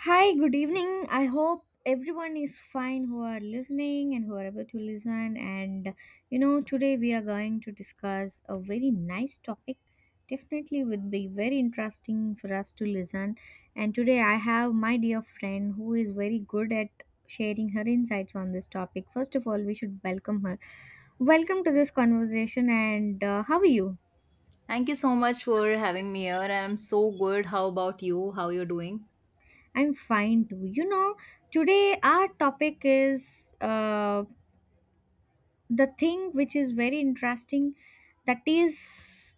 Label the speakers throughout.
Speaker 1: Hi, good evening. I hope everyone is fine who are listening and who are able to listen. Today we are going to discuss a very nice topic. Definitely would be very interesting for us to listen. And today I have my dear friend who is very good at sharing her insights on this topic. First of all, we should welcome her. Welcome to this conversation. And how are you?
Speaker 2: Thank you so much for having me here. I'm so good. How about you? How you're doing?
Speaker 1: I'm fine too. Today our topic is. The thing which is very interesting that is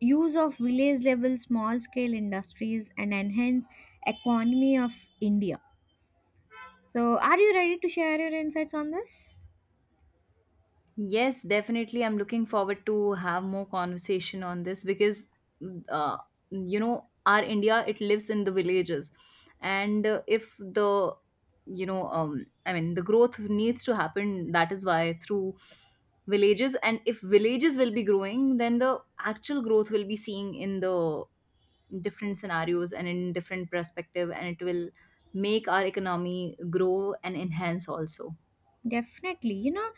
Speaker 1: use of village level small scale industries and enhance economy of india, so are you ready to share your insights on this?
Speaker 2: Yes, definitely. I'm looking forward to have more conversation on this because, uh, you know, our India it lives in the villages, and if the, you know, I mean, the growth needs to happen. That is why through villages, and if villages will be growing, then the actual growth will be seen in the different scenarios and in different perspective, and it will make our economy grow and enhance also.
Speaker 1: Definitely,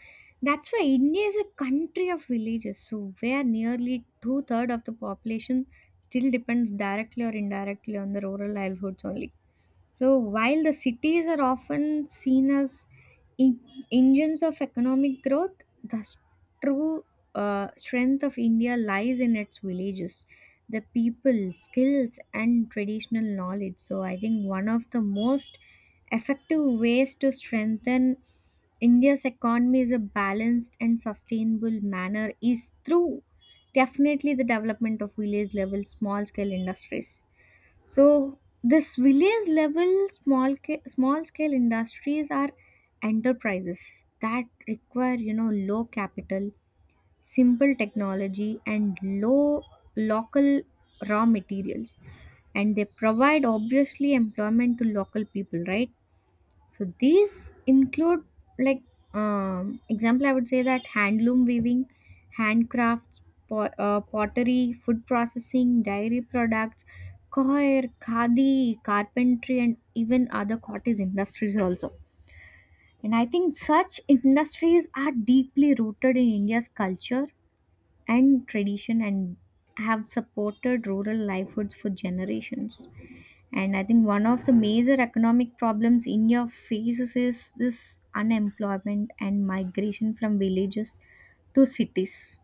Speaker 1: that's why india is a country of villages, so where nearly two-thirds of the population still depends directly or indirectly on the rural livelihoods only. So, while the cities are often seen as en- engines of economic growth, the true strength of India lies in its villages, the people, skills, and traditional knowledge. So, I think one of the most effective ways to strengthen India's economy is a balanced and sustainable manner is through definitely the development of village level small scale industries. So this village level small scale industries are enterprises that require low capital, simple technology and low local raw materials, and they provide obviously employment to local people, right? So these include like example, I would say that handloom weaving, handcrafts, pottery, food processing, dairy products, coir, khadi, carpentry, and even other cottage industries also. And I think such industries are deeply rooted in India's culture and tradition and have supported rural livelihoods for generations. And I think one of the major economic problems India faces is this unemployment and migration from villages to cities.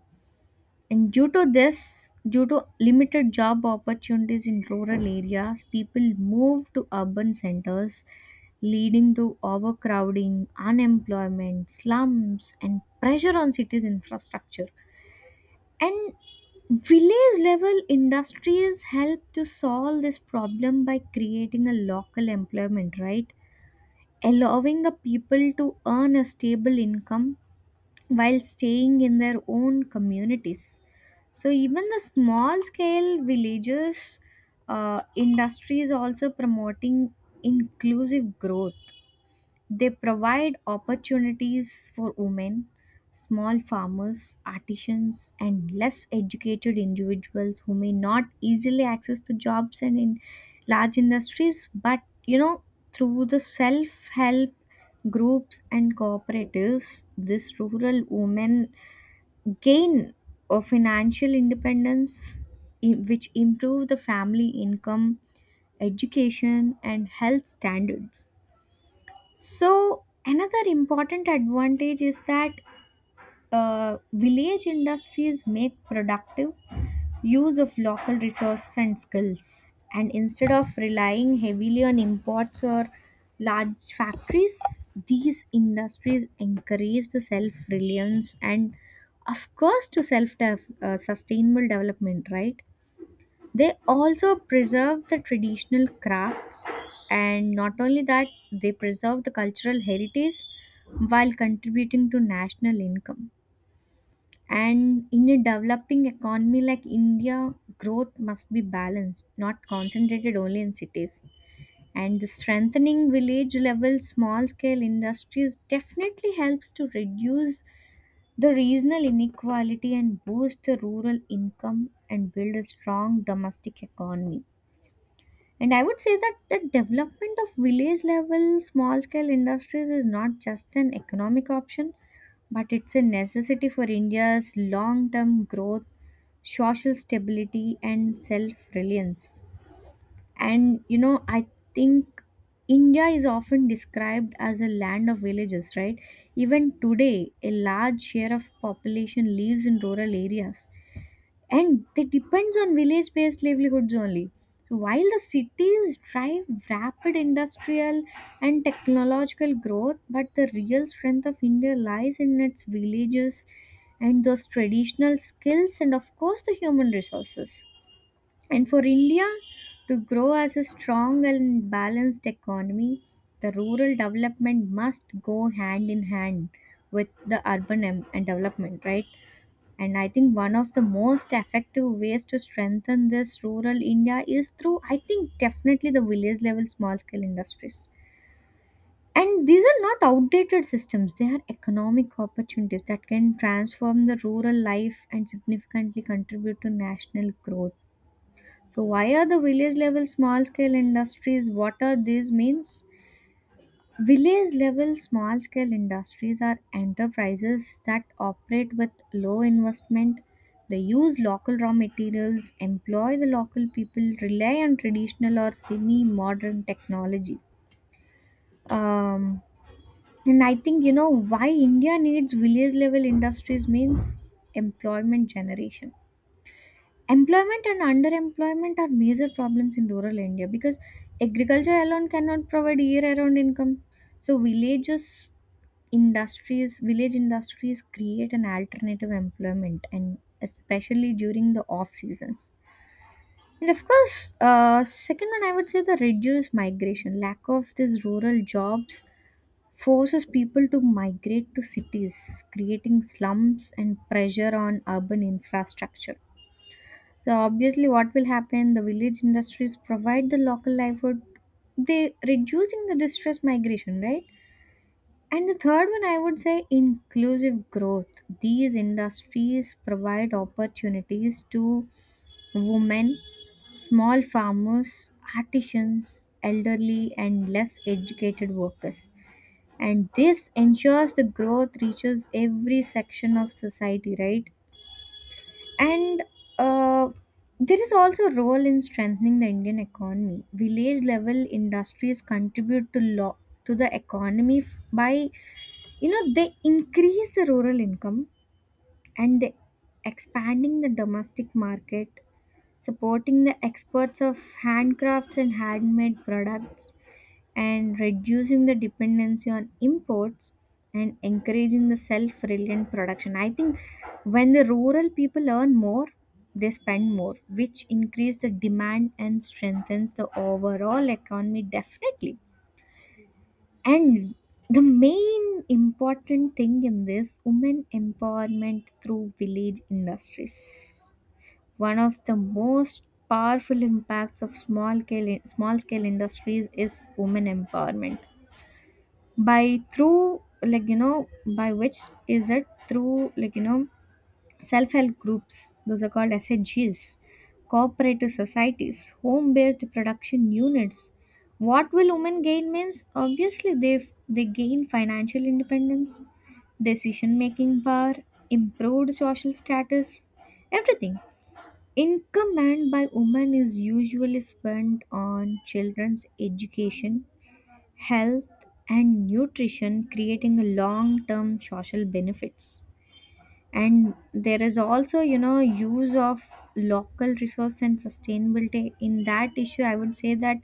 Speaker 1: And due to this, due to limited job opportunities in rural areas, people move to urban centers, leading to overcrowding, unemployment, slums, and pressure on cities' infrastructure. And village level industries help to solve this problem by creating a local employment, right? Allowing the people to earn a stable income while staying in their own communities. So, even the small scale villages, industries also promoting inclusive growth. They provide opportunities for women, small farmers, artisans, and less educated individuals who may not easily access the jobs and in large industries. But you know, through the self help groups and cooperatives, these rural women gain a financial independence which improve the family income, education and health standards. So, another important advantage is that village industries make productive use of local resources and skills. And instead of relying heavily on imports or large factories, these industries encourage the self reliance and, of course, to self sustainable development, right? They also preserve the traditional crafts, and not only that, they preserve the cultural heritage while contributing to national income. And in a developing economy like India, growth must be balanced, not concentrated only in cities. And the strengthening village level small scale industries definitely helps to reduce the regional inequality and boost the rural income and build a strong domestic economy. And I would say that the development of village level small scale industries is not just an economic option, but it's a necessity for India's long term growth, social stability, and self reliance. I think India is often described as a land of villages, right? Even today, a large share of population lives in rural areas and they depends on village based livelihoods only. So while the cities drive rapid industrial and technological growth, but the real strength of india lies in its villages and those traditional skills and of course the human resources. And for india to grow as a strong and balanced economy, the rural development must go hand in hand with the urban and development, right? And I think one of the most effective ways to strengthen this rural India is through, I think, definitely the village level small scale industries. And these are not outdated systems, they are economic opportunities that can transform the rural life and significantly contribute to national growth. So, why are the village level small scale industries? What are these means? Village level small scale industries are enterprises that operate with low investment. They use local raw materials, employ the local people, rely on traditional or semi modern technology. Um, and I think why India needs village level industries means employment generation. Employment and underemployment are major problems in rural India because agriculture alone cannot provide year round income. So village industries create an alternative employment and especially during the off seasons. And of course, second one I would say the reduced migration, lack of these rural jobs forces people to migrate to cities, creating slums and pressure on urban infrastructure. So obviously what will happen, the village industries provide the local livelihood, they reducing the distress migration, right? And the third one, I would say inclusive growth. These industries provide opportunities to women, small farmers, artisans, elderly, and less educated workers. And this ensures the growth reaches every section of society, right? And uh, there is also a role in strengthening the Indian economy. Village level industries contribute to to the economy by they increase the rural income, and they expanding the domestic market, supporting the exports of handcrafts and handmade products and reducing the dependency on imports and encouraging the self-reliant production. I think when the rural people earn more, they spend more, which increase the demand and strengthens the overall economy definitely. And the main important thing in this women empowerment through village industries, one of the most powerful impacts of small scale industries is women empowerment. By through by which is it through self help groups, those are called SHGs, cooperative societies, home based production units. What will women gain means obviously they gain financial independence, decision making power, improved social status, everything. Income earned by women is usually spent on children's education, health, and nutrition, creating long term social benefits. And there is also, use of local resource and sustainability. In that issue, I would say that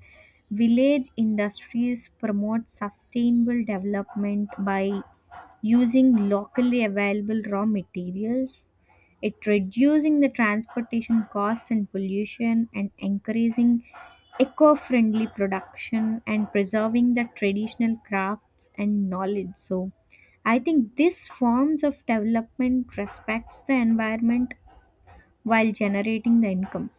Speaker 1: village industries promote sustainable development by using locally available raw materials, it reducing the transportation costs and pollution and encouraging eco-friendly production and preserving the traditional crafts and knowledge. So I think this forms of development respects the environment while generating the income.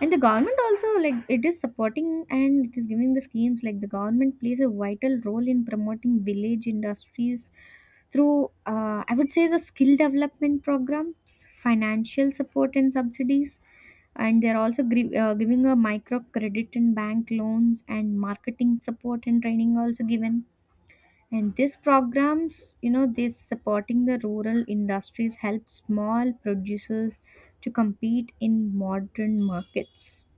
Speaker 1: And the government also, like, it is supporting and it is giving the schemes. Like, the government plays a vital role in promoting village industries through I would say the skill development programs, financial support and subsidies, and they're also giving a micro credit and bank loans and marketing support and training also given. And these programs, this supporting the rural industries help small producers to compete in modern markets.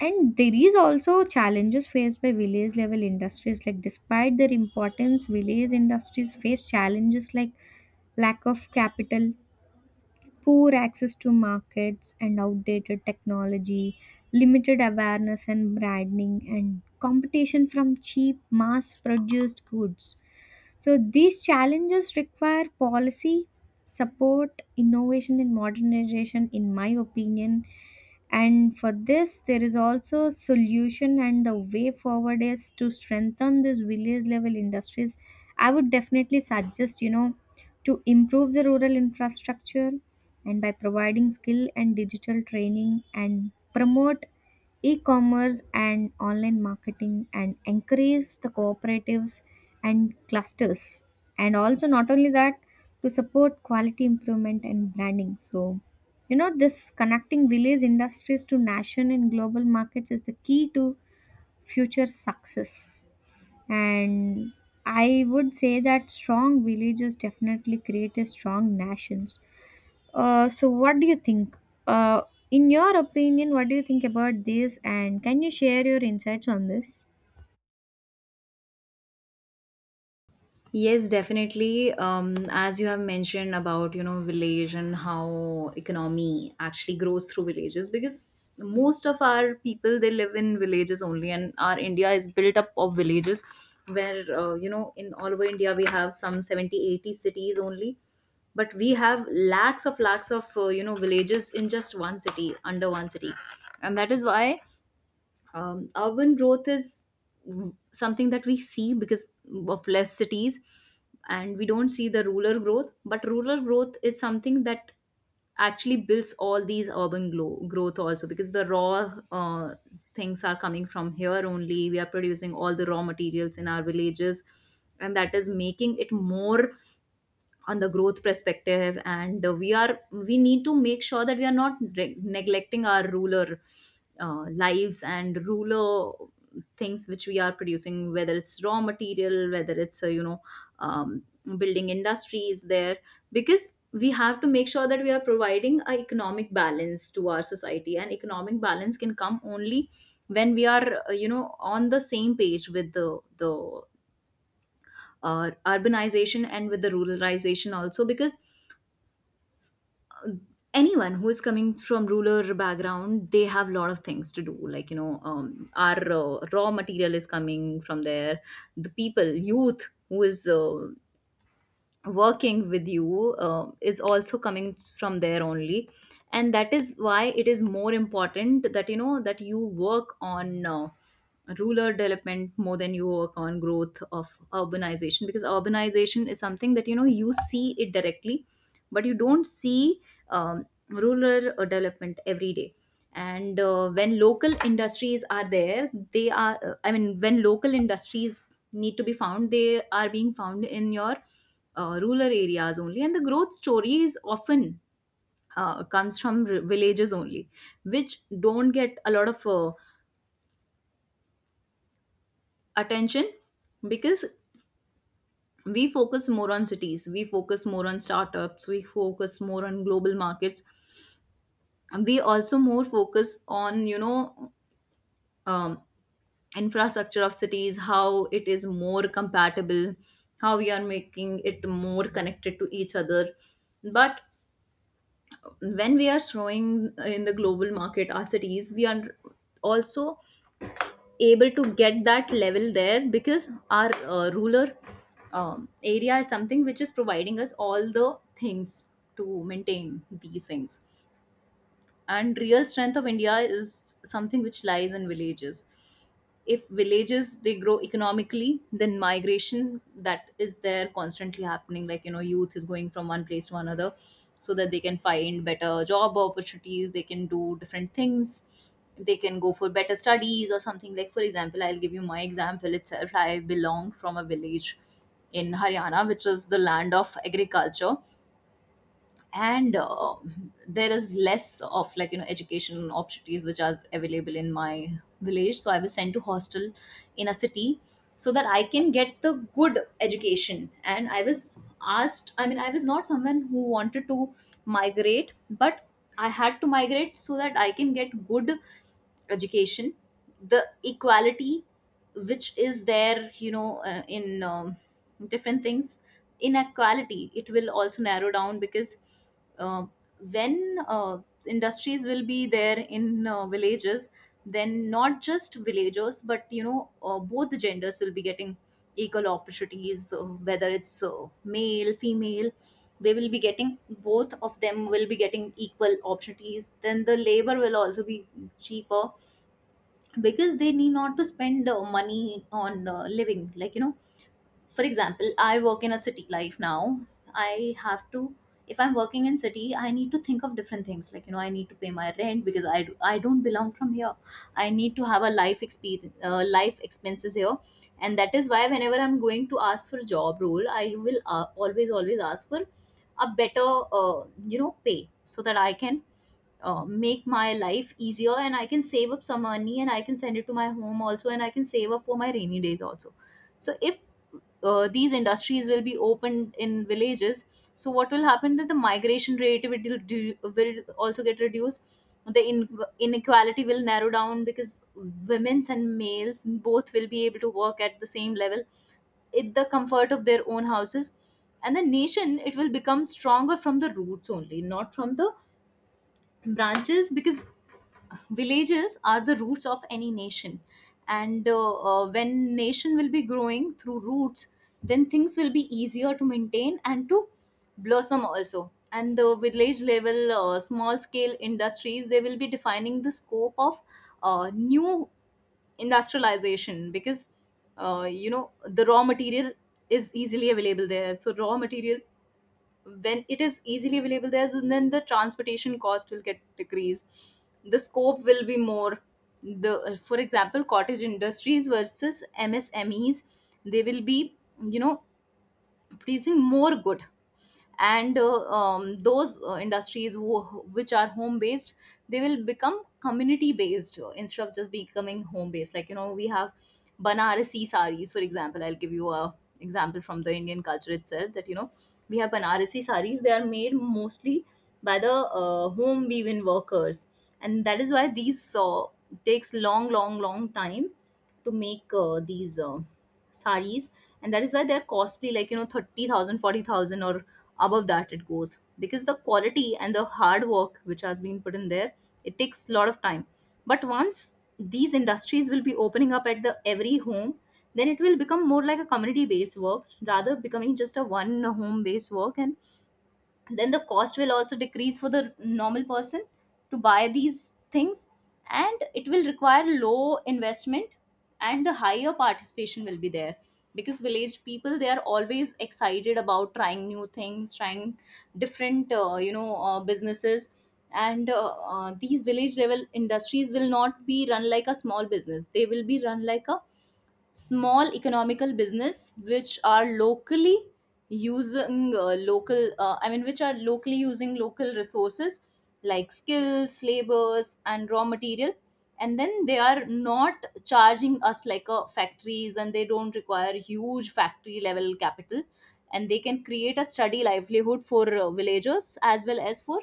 Speaker 1: And there is also challenges faced by village level industries, like despite their importance village industries face challenges like lack of capital, poor access to markets and outdated technology, limited awareness and branding and competition from cheap mass produced goods. So these challenges require policy support, innovation and modernization in my opinion. And for this there is also a solution, and the way forward is to strengthen these village level industries. I would definitely suggest, to improve the rural infrastructure and by providing skill and digital training and promote e-commerce and online marketing and increase the cooperatives and clusters and also not only that to support quality improvement and branding. So this connecting village industries to nation and global markets is the key to future success. And I would say that strong villages definitely create a strong nations. So, what do you think? Uh, in your opinion, what do you think about this? And can you share your insights on this?
Speaker 2: Yes, definitely. As you have mentioned about, you know, village and how economy actually grows through villages, because most of our people they live in villages only, and our India is built up of villages, where you know, in all over India we have some 70, 80 cities only, but we have lakhs of you know villages in just one city, under one city, and that is why urban growth is something that we see because of less cities, and we don't see the rural growth, but rural growth is something that actually builds all these growth also, because the raw things are coming from here only. We are producing all the raw materials in our villages, and that is making it more on the growth perspective. And we need to make sure that we are not neglecting our ruler lives and ruler things which we are producing, whether it's raw material, whether it's um, building industries there, because we have to make sure that we are providing a economic balance to our society, and economic balance can come only when we are you know, on the same page with the urbanization and with the ruralization also, because anyone who is coming from rural background they have a lot of things to do, like you know, our raw material is coming from there, the people youth who is working with you is also coming from there only, and that is why it is more important that you know that you work on ruler development more than you work on growth of urbanization, because urbanization is something that you know you see it directly, but you don't see rural development every day. And when local industries are there, they are I mean, when local industries need to be found, they are being found in your rural areas only, and the growth stories often comes from villages only, which don't get a lot of attention, because we focus more on cities, we focus more on startups, we focus more on global markets, and we also more focus on you know, um, infrastructure of cities, how it is more compatible, how we are making it more connected to each other. But when we are soaring in the global market, our cities, we are also able to get that level there, because our rural area is something which is providing us all the things to maintain these things, and real strength of india is something which lies in villages. If villages they grow economically, then migration that is there constantly happening, like you know, youth is going from one place to another so that they can find better job opportunities, they can do different things, they can go for better studies, or something. Like for example, I'll give you my example itself. I belong from a village in Haryana, which is the land of agriculture. And there is less of like you know education opportunities which are available in my village, so I was sent to hostel in a city so that I can get the good education, and I was asked I mean I was not someone who wanted to migrate, but I had to migrate so that I can get good education. The equality which is there, you know in different things, inequality it will also narrow down, because uh, when industries will be there in villages, then not just villagers, but you know both the genders will be getting equal opportunities, whether it's male, female, they will be getting equal opportunities, then the labor will also be cheaper, because they need not to spend money on living. Like you know, for example, I work in a city life now. I have to, if I'm working in city, I need to think of different things, like you know, I need to pay my rent because I don't belong from here. I need to have a life expenses here, and that is why whenever I'm going to ask for a job role, I will always ask for a better you know pay so that I can make my life easier, and I can save up some money, and I can send it to my home also, and I can save up for my rainy days also. So if these industries will be opened in villages, so what will happen that the migration rate will also get reduced, the inequality will narrow down, because women's and males both will be able to work at the same level, in the comfort of their own houses, and the nation, it will become stronger from the roots only, not from the branches, because villages are the roots of any nation. And when nation will be growing through roots, then things will be easier to maintain and to blossom also, and the village level small scale industries, they will be defining the scope of new industrialization, because you know the raw material is easily available there, so raw material, when it is easily available there, then the transportation cost will get decreased, the scope will be more. The for example cottage industries versus MSMEs, they will be you know producing more good, and those industries which are home based, they will become community based, instead of just becoming home based. Like you know, we have banarasi saris, for example, I'll give you a example from the indian culture itself, that you know we have banarasi saris, they are made mostly by the home weaving workers, and that is why these takes long time to make these saris, and that is why they're costly, like you know, 30,000, 40,000, or above that it goes, because the quality and the hard work which has been put in there, it takes a lot of time. But once these industries will be opening up at the every home, then it will become more like a community based work, rather becoming just a one home based work, and then the cost will also decrease for the normal person to buy these things, and it will require low investment, and the higher participation will be there, because village people they are always excited about trying new things, trying different you know businesses. And these village level industries will not be run like a small business, they will be run like a small economical business, which are locally using local I mean which are locally using local resources like skills, labors and raw material, and then they are not charging us like a factories, and they don't require huge factory level capital, and they can create a steady livelihood for villagers as well as for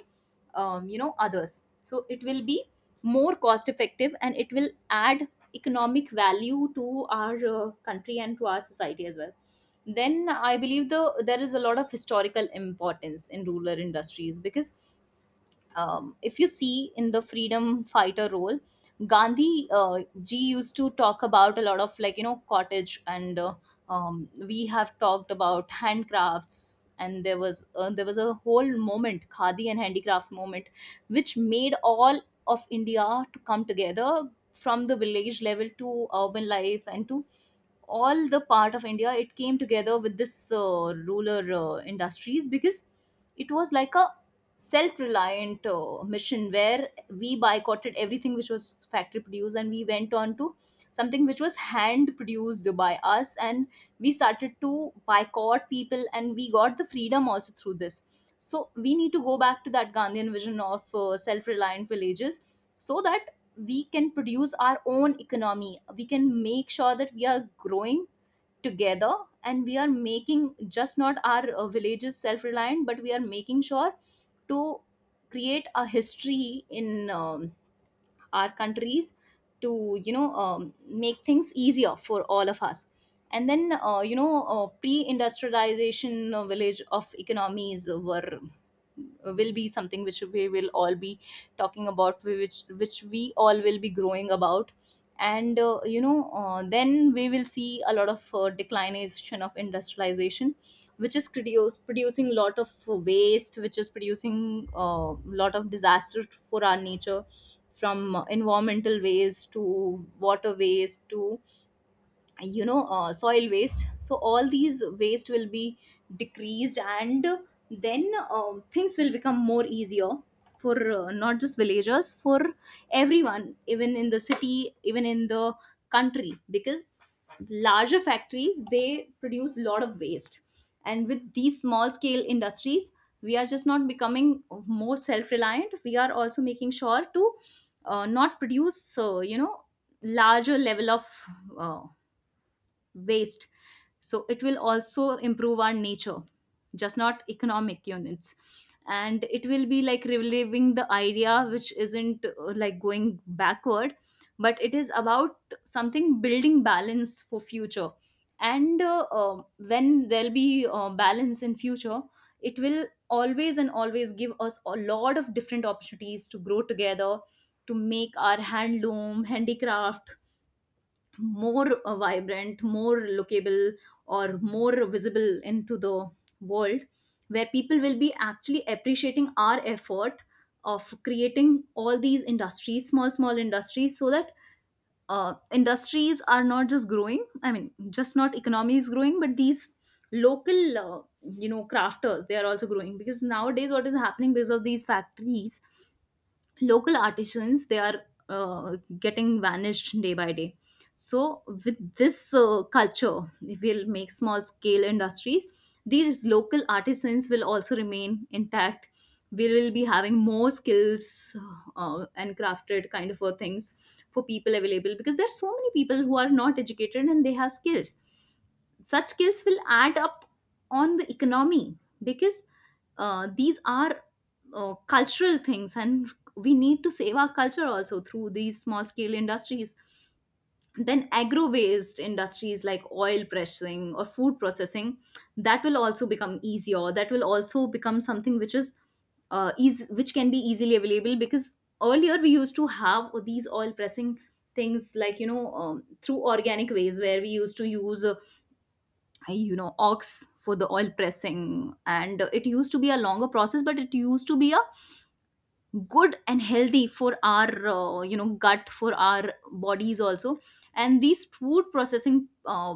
Speaker 2: you know others. So it will be more cost effective, and it will add economic value to our country and to our society as well. Then I believe there is a lot of historical importance in rural industries, because if you see in the freedom fighter role, Gandhi g used to talk about a lot of like you know cottage and we have talked about handcrafts, and there was a whole moment khadi and handicraft moment which made all of India to come together, from the village level to urban life, and to all the part of india, it came together with this ruler industries, because it was like a self-reliant mission where we boycotted everything which was factory produced, and we went on to something which was hand produced by us, and we started to boycott people, and we got the freedom also through this. So we need to go back to that gandhian vision of self-reliant villages, so that we can produce our own economy, we can make sure that we are growing together, and we are making just not our villages self reliant, but we are making sure to create a history in Our countries to make things easier for all of us. And then pre-industrialization village of economies were will be something which we will all be talking about, which we all will be growing about. And then we will see a lot of declination of industrialization, which is producing a lot of waste, which is producing a lot of disaster for our nature, from environmental waste to water waste to soil waste. So all these waste will be decreased, and then things will become more easier for not just villagers, for everyone, even in the city, even in the country. Because larger factories, they produce a lot of waste, and with these small scale industries, we are just not becoming more self reliant, we are also making sure to not produce larger level of uh, waste. So it will also improve our nature, just not economic units. And it will be like reliving the idea, which isn't like going backward, but it is about something building balance for future. And when there'll be balance in future, it will always and always give us a lot of different opportunities to grow together, to make our handloom handicraft more vibrant, more lookable, or more visible into the world, where people will be actually appreciating our effort of creating all these industries, small, small industries. So that industries are not just growing, I mean, just not economy is growing, but these local crafters, they are also growing. Because nowadays, what is happening, because of these factories, local artisans, they are getting vanished day by day. So with this culture, if we'll make small scale industries, these local artisans will also remain intact. We will be having more skills and crafted kind of things for people available, because there are so many people who are not educated and they have skills. Such skills will add up on the economy, because these are cultural things, and we need to save our culture also through these small scale industries. Then agro based industries like oil pressing or food processing, that will also become easier, that will also become something which is eas which can be easily available. Because earlier we used to have these oil pressing things, like through organic ways, where we used to use ox for the oil pressing, and it used to be a longer process, but it used to be a good and healthy for our gut, for our bodies also. And these food processing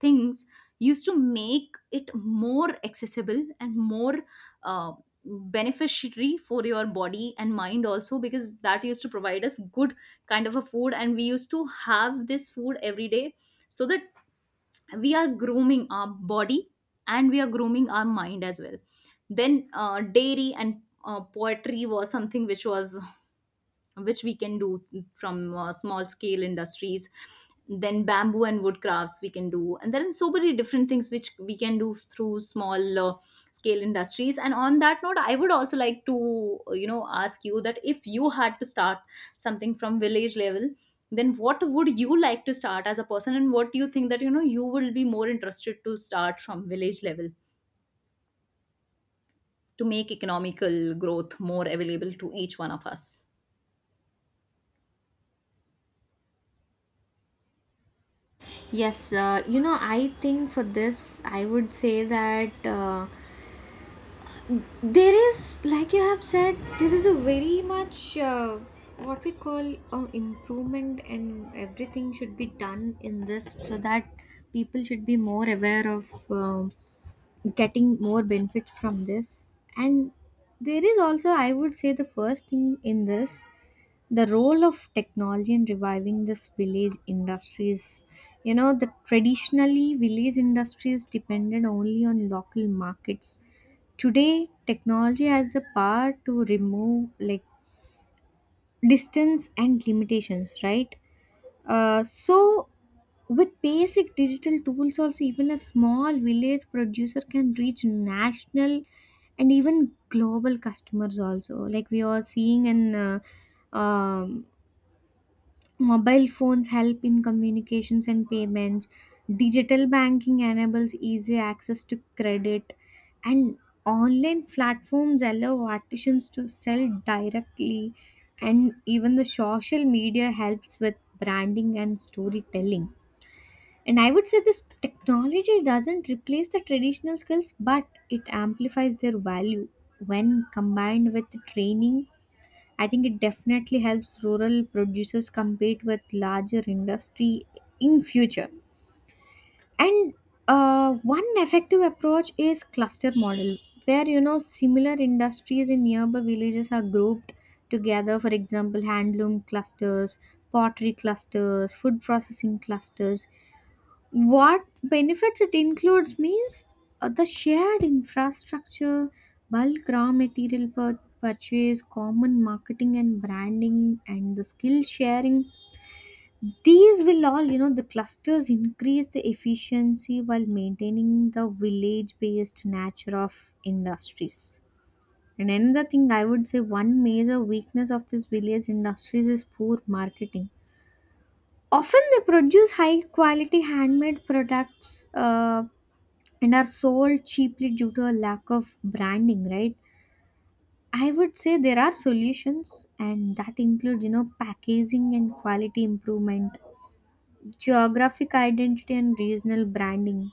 Speaker 2: things used to make it more accessible and more uh, beneficiary for your body and mind also, because that used to provide us good kind of a food, and we used to have this food every day. So that we are grooming our body and we are grooming our mind as well. Then dairy and poetry was something which was which we can do from small scale industries. Then bamboo and wood crafts we can do, and there are so many different things which we can do through small scale industries. And on that note, I would also like to, you know, ask you that if you had to start something from village level, then what would you like to start as a person, and what do you think that, you know, you will be more interested to start from village level to make economical growth more available to each one of us.
Speaker 1: Yes, I think for this, I would say that. There is, like you have said, there is a very much what we call improvement, and everything should be done in this so that people should be more aware of getting more benefits from this. And there is also, I would say, the first thing in this the role of technology in reviving this village industries. The traditionally village industries depended only on local markets. Today technology has the power to remove like distance and limitations, right? So, with basic digital tools also, even a small village producer can reach national and even global customers also, like we are seeing in um, mobile phones help in communications and payments. Digital banking enables easy access to credit, and online platforms allow artisans to sell directly. And even the social media helps with branding and storytelling. And I would say this technology doesn't replace the traditional skills, but it amplifies their value when combined with training. I think it definitely helps rural producers compete with larger industry in future. And one effective approach is cluster model, where you know similar industries in nearby villages are grouped together. For example, handloom clusters, pottery clusters, food processing clusters, what benefits it includes means the shared infrastructure, bulk raw material purchase, common marketing and branding, and the skill sharing. These will all, you know, the clusters increase the efficiency while maintaining the village based nature of industries. And another thing I would say one major weakness of this village industries is poor marketing often they produce high quality handmade products, and are sold cheaply due to a lack of branding, right? I would say there are solutions, and that include, you know, packaging and quality improvement, geographic identity and regional branding,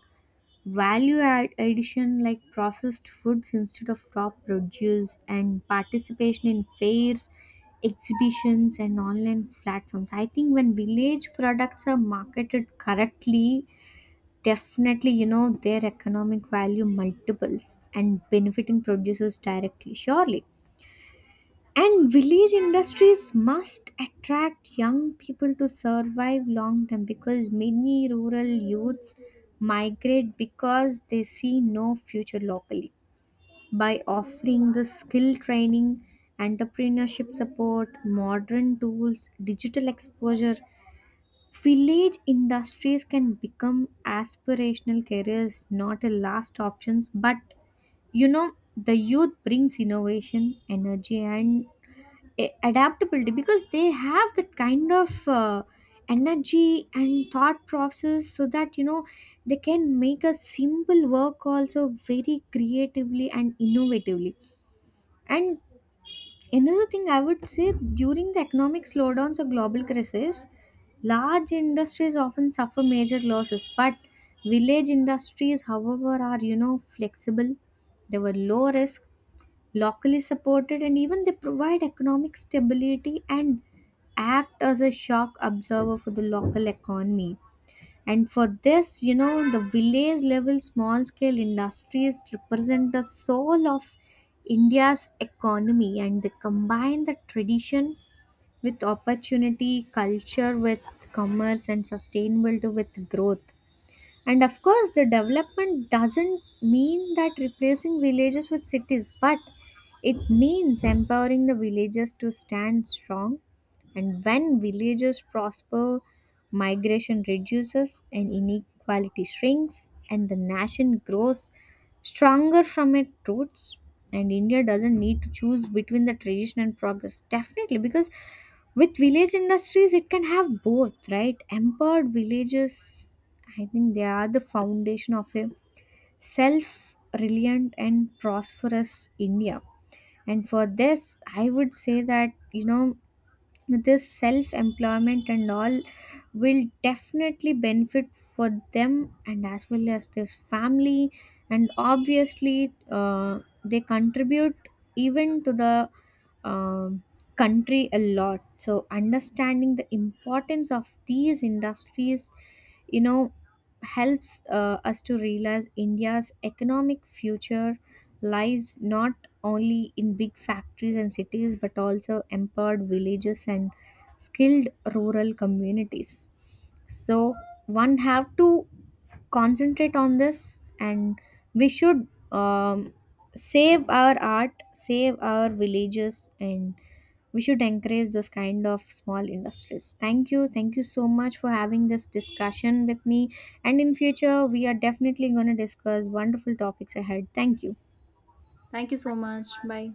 Speaker 1: value addition like processed foods instead of top produce, and participation in fairs, exhibitions, and online platforms. I think when village products are marketed correctly. Definitely, you know, their economic value multiples and benefiting producers directly, surely. And village industries must attract young people to survive long term because many rural youths migrate because they see no future locally. By offering the skill training, entrepreneurship support, modern tools, digital exposure, village industries can become aspirational careers, not a last options. But you know, the youth brings innovation, energy, and adaptability because they have that kind of energy and thought process, so that you know they can make a simple work also very creatively and innovatively. And another thing I would say during the economic slowdowns or global crisis, large industries often suffer major losses, but village industries, however, are you know flexible. They were low risk, locally supported, and even they provide economic stability and act as a shock observer for the local economy. And for this, you know, the village level small scale industries represent the soul of India's economy, and they combine the tradition with opportunity, culture with commerce, and sustainability with growth. And of course, the development doesn't mean that replacing villages with cities, but it means empowering the villages to stand strong. And when villages prosper, migration reduces and inequality shrinks, and the nation grows stronger from its roots. And India doesn't need to choose between the tradition and progress, definitely, because with village industries it can have both, right? Empowered villages, I think they are the foundation of a self reliant and prosperous India. And for this I would say that, you know, this self employment and all will definitely benefit for them and as well as this family. And obviously they contribute even to the um country a lot. So understanding the importance of these industries, you know, helps us to realize India's economic future lies not only in big factories and cities but also empowered villages and skilled rural communities. So one have to concentrate on this, and we should um, save our art, save our villages, and we should encourage those kind of small industries. Thank you. Thank you so much for having this discussion with me, and in future we are definitely going to discuss wonderful topics ahead. Thank you.
Speaker 2: Thank you so much. Bye.